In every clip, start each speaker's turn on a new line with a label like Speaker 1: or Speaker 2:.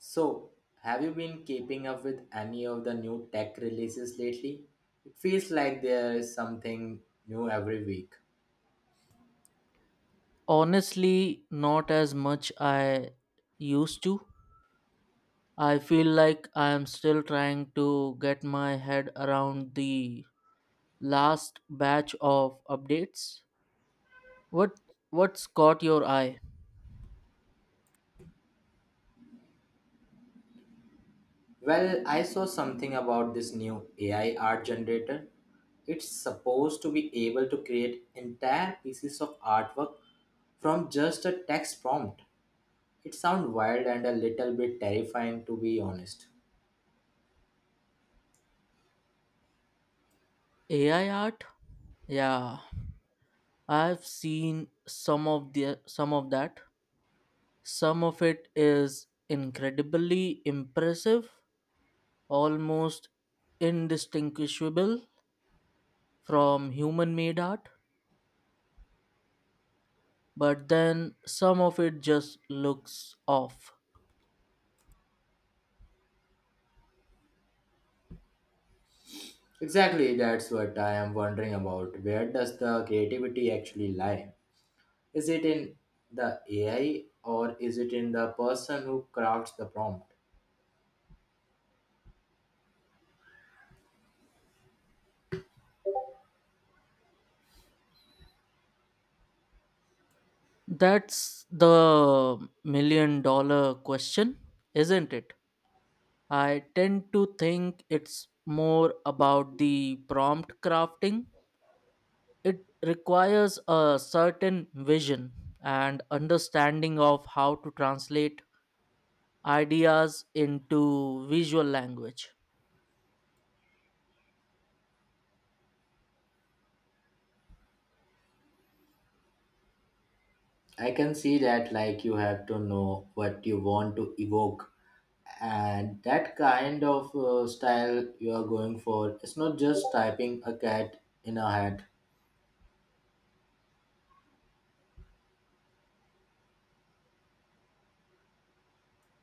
Speaker 1: So, have you been keeping up with any of the new tech releases lately? It feels like there is something new every week.
Speaker 2: Honestly, not as much I used to. I feel like I am still trying to get my head around the last batch of updates. What what's caught your eye?
Speaker 1: Well, I saw something about this new AI art generator. It's supposed to be able to create entire pieces of artwork from just a text prompt. It sounds wild and a little bit terrifying, to be honest.
Speaker 2: AI art? Yeah, I've seen some of that. Some of it is incredibly impressive, almost indistinguishable from human made art. But then some of it just looks off.
Speaker 1: Exactly, that's what I am wondering about. Where does the creativity actually lie? Is it in the AI, or is it in the person who crafts the prompt?
Speaker 2: That's the million dollar question, isn't it? I tend to think it's more about the prompt crafting. It requires a certain vision and understanding of how to translate ideas into visual language.
Speaker 1: I can see that. Like, you have to know what you want to evoke and that kind of style you are going for. It's not just typing a cat in a hat.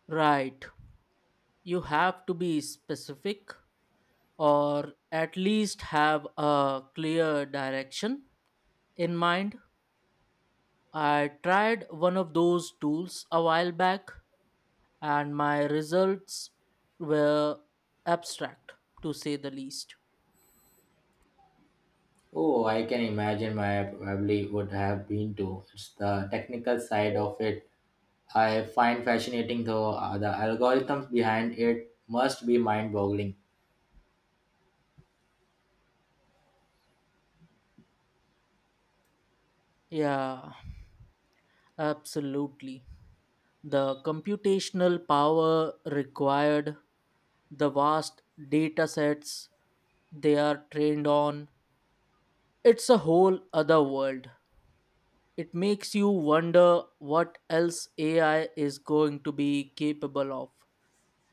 Speaker 2: Right. You have to be specific or at least have a clear direction in mind. I tried one of those tools a while back, and my results were abstract, to say the least.
Speaker 1: Oh, I can imagine my probably would have been, to. It's the technical side of it I find fascinating, though. The algorithms behind it must be mind-boggling.
Speaker 2: Yeah, absolutely. The computational power required, the vast data sets they are trained on, it's a whole other world. It makes you wonder what else AI is going to be capable of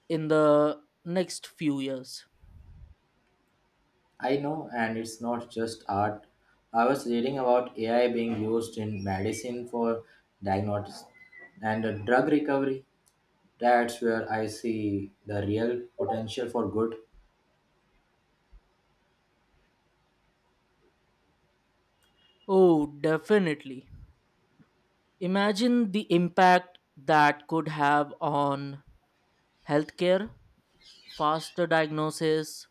Speaker 2: in the next few years.
Speaker 1: I know, and it's not just art. I was reading about AI being used in medicine for diagnosis and drug recovery. That's where I see the real potential for good.
Speaker 2: Oh, definitely. Imagine the impact that could have on healthcare, faster diagnosis,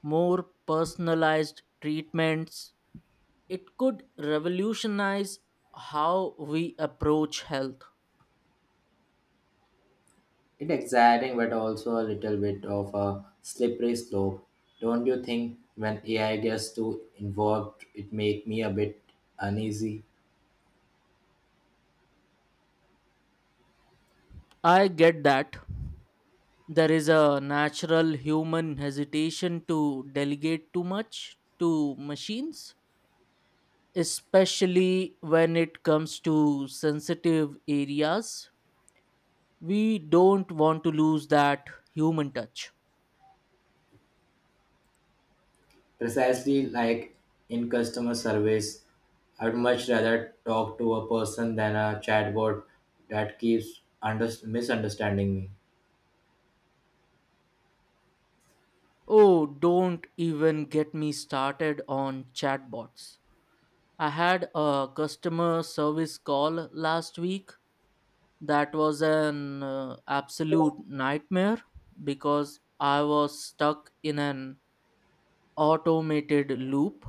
Speaker 2: more personalized treatments. It could revolutionize how we approach health.
Speaker 1: It's exciting, but also a little bit of a slippery slope. Don't you think? When AI gets too involved, it makes me a bit uneasy.
Speaker 2: I get that. There is a natural human hesitation to delegate too much to machines, especially when it comes to sensitive areas. We don't want to lose that human touch.
Speaker 1: Precisely. Like, in customer service, I'd much rather talk to a person than a chatbot that keeps misunderstanding me.
Speaker 2: Oh, don't even get me started on chatbots. I had a customer service call last week that was an absolute nightmare because I was stuck in an automated loop.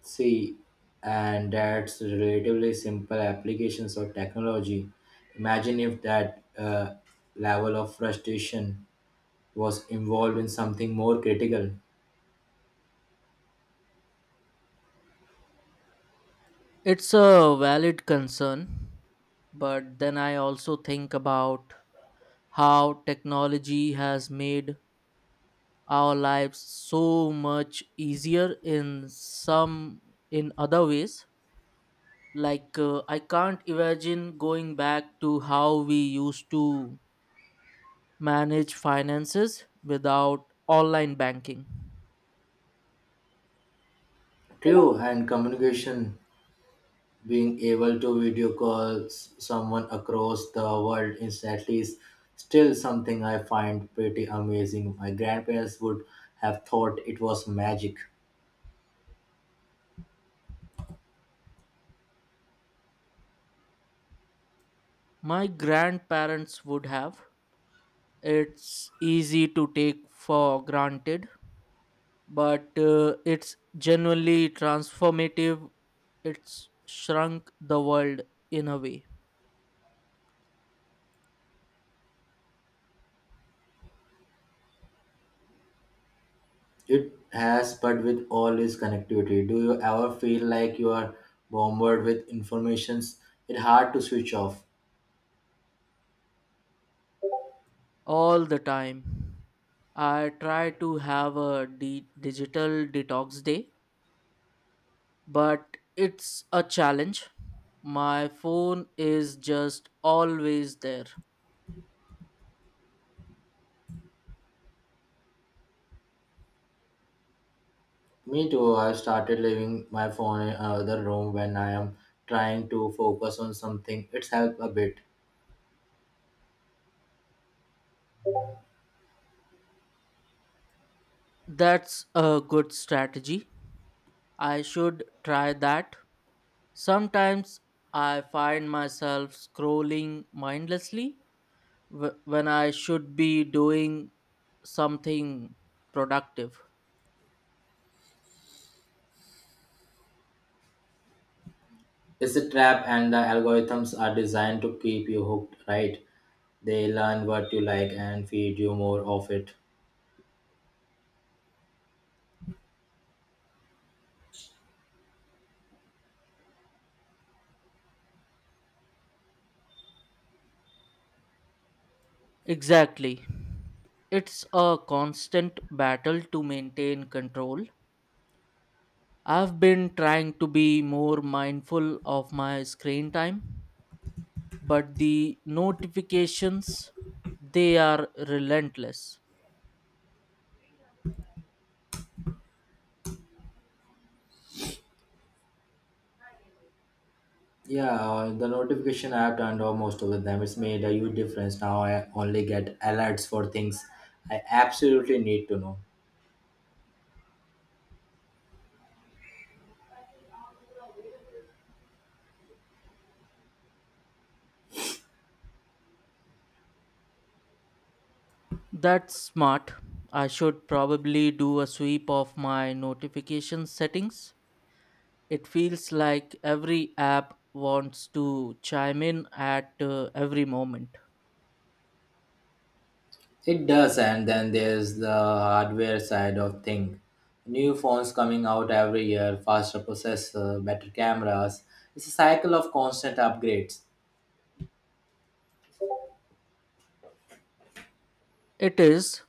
Speaker 1: See, and that's relatively simple applications of technology. Imagine if that level of frustration was involved in something more critical.
Speaker 2: It's a valid concern, but then I also think about how technology has made our lives so much easier in other ways, like I can't imagine going back to how we used to manage finances without online banking.
Speaker 1: True, and communication, being able to video call someone across the world instantly, is still something I find pretty amazing. My grandparents would have thought it was magic.
Speaker 2: My grandparents would have. It's easy to take for granted, but it's genuinely transformative. It's shrunk the world in a way.
Speaker 1: It has, but with all this connectivity, do you ever feel like you are bombarded with informations? It's hard to switch off.
Speaker 2: All the time. I try to have a digital detox day, but it's a challenge. My phone is just always there.
Speaker 1: Me too. I've started leaving my phone in another room when I am trying to focus on something. It's helped a bit.
Speaker 2: That's a good strategy. I should try that. Sometimes I find myself scrolling mindlessly when I should be doing something productive.
Speaker 1: It's a trap, and the algorithms are designed to keep you hooked, right? They learn what you like and feed you more of it.
Speaker 2: Exactly. It's a constant battle to maintain control. I've been trying to be more mindful of my screen time, but the notifications, they are relentless.
Speaker 1: Yeah, the notification app turned off most of them. It's made a huge difference. Now I only get alerts for things I absolutely need to know.
Speaker 2: That's smart. I should probably do a sweep of my notification settings. It feels like every app wants to chime in at every moment.
Speaker 1: It does, and then there's the hardware side of thing. New phones coming out every year, faster processor, better cameras. It's a cycle of constant upgrades.
Speaker 2: It is,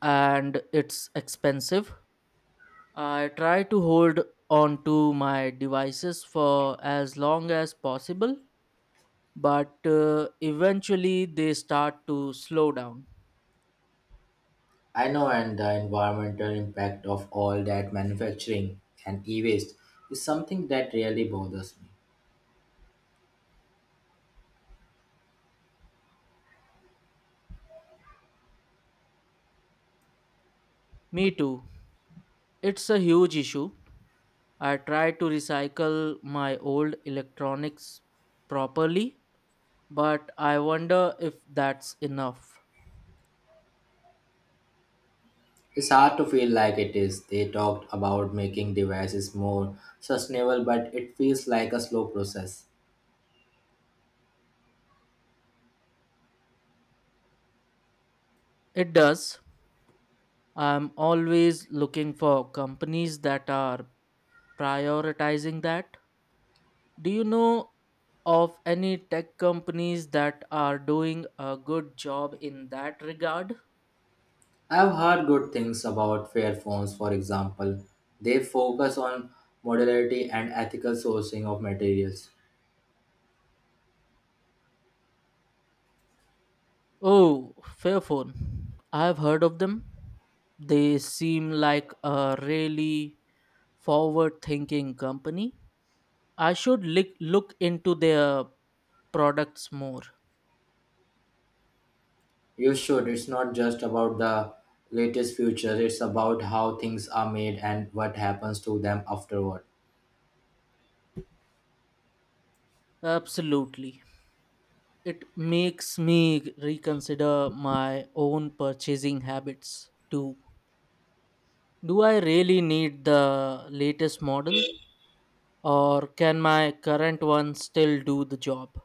Speaker 2: and it's expensive. I try to hold on to my devices for as long as possible, but eventually they start to slow down.
Speaker 1: I know, and the environmental impact of all that manufacturing and e waste is something that really bothers me.
Speaker 2: Me too. It's a huge issue. I try to recycle my old electronics properly, but I wonder if that's enough.
Speaker 1: It's hard to feel like it is. They talked about making devices more sustainable, but it feels like a slow process.
Speaker 2: It does. I'm always looking for companies that are prioritizing that. Do you know of any tech companies that are doing a good job in that regard?
Speaker 1: I've heard good things about Fairphones, for example. They focus on modularity and ethical sourcing of materials.
Speaker 2: Oh, Fairphone. I've heard of them. They seem like a really forward thinking company. I should lick look into their products more.
Speaker 1: You should. It's not just about the latest future, it's about how things are made and what happens to them afterward.
Speaker 2: Absolutely. It makes me reconsider my own purchasing habits too. Do I really need the latest model, or can my current one still do the job?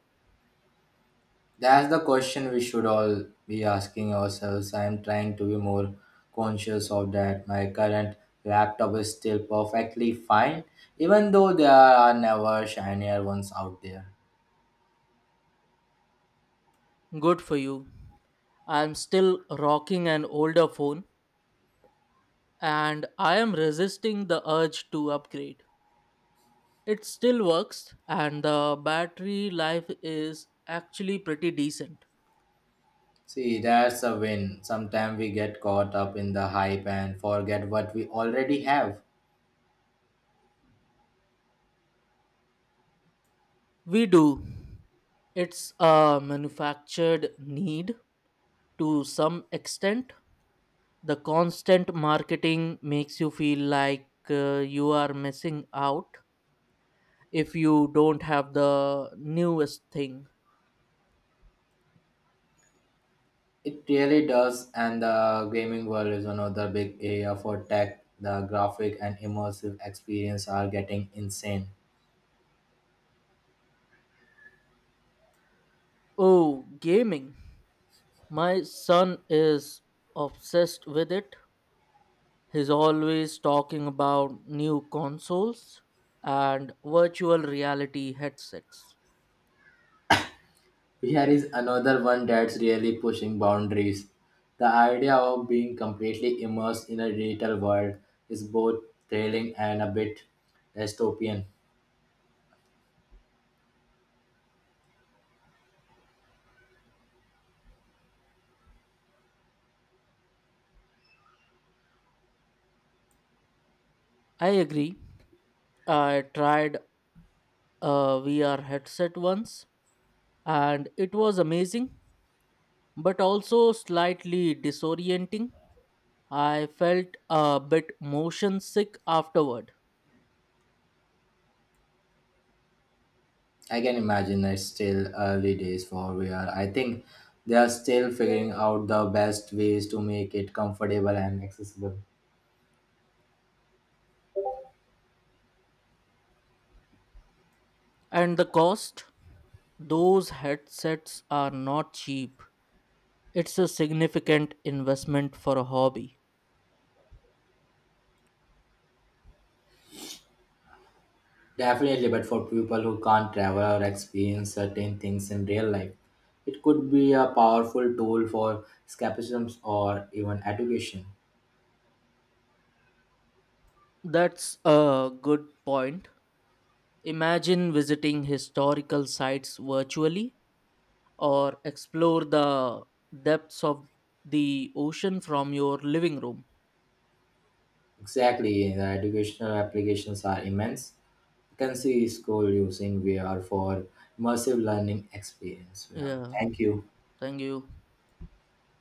Speaker 1: That's the question we should all be asking ourselves. I am trying to be more conscious of that. My current laptop is still perfectly fine, even though there are never shinier ones out there.
Speaker 2: Good for you. I'm still rocking an older phone and I am resisting the urge to upgrade. It still works and the battery life is actually pretty decent.
Speaker 1: See, that's a win. Sometimes we get caught up in the hype and forget what we already have.
Speaker 2: We do. It's a manufactured need, to some extent. The constant marketing makes you feel like you are missing out if you don't have the newest thing.
Speaker 1: It really does, and the gaming world is another big area for tech. The graphic and immersive experience are getting insane.
Speaker 2: Oh, gaming. My son is obsessed with it. He's always talking about new consoles and virtual reality headsets.
Speaker 1: Here is another one that's really pushing boundaries. The idea of being completely immersed in a digital world is both thrilling and a bit dystopian.
Speaker 2: I agree. I tried a VR headset once and it was amazing, but also slightly disorienting. I felt a bit motion sick afterward.
Speaker 1: I can imagine it's still early days for VR. I think they are still figuring out the best ways to make it comfortable and accessible.
Speaker 2: And the cost? Those headsets are not cheap. It's a significant investment for a hobby.
Speaker 1: Definitely, but for people who can't travel or experience certain things in real life, it could be a powerful tool for escapism or even education.
Speaker 2: That's a good point. Imagine visiting historical sites virtually or explore the depths of the ocean from your living room.
Speaker 1: Exactly, the educational applications are immense. You can see school using VR for immersive learning experience. Yeah.
Speaker 2: Yeah,
Speaker 1: Thank you.
Speaker 2: thank you.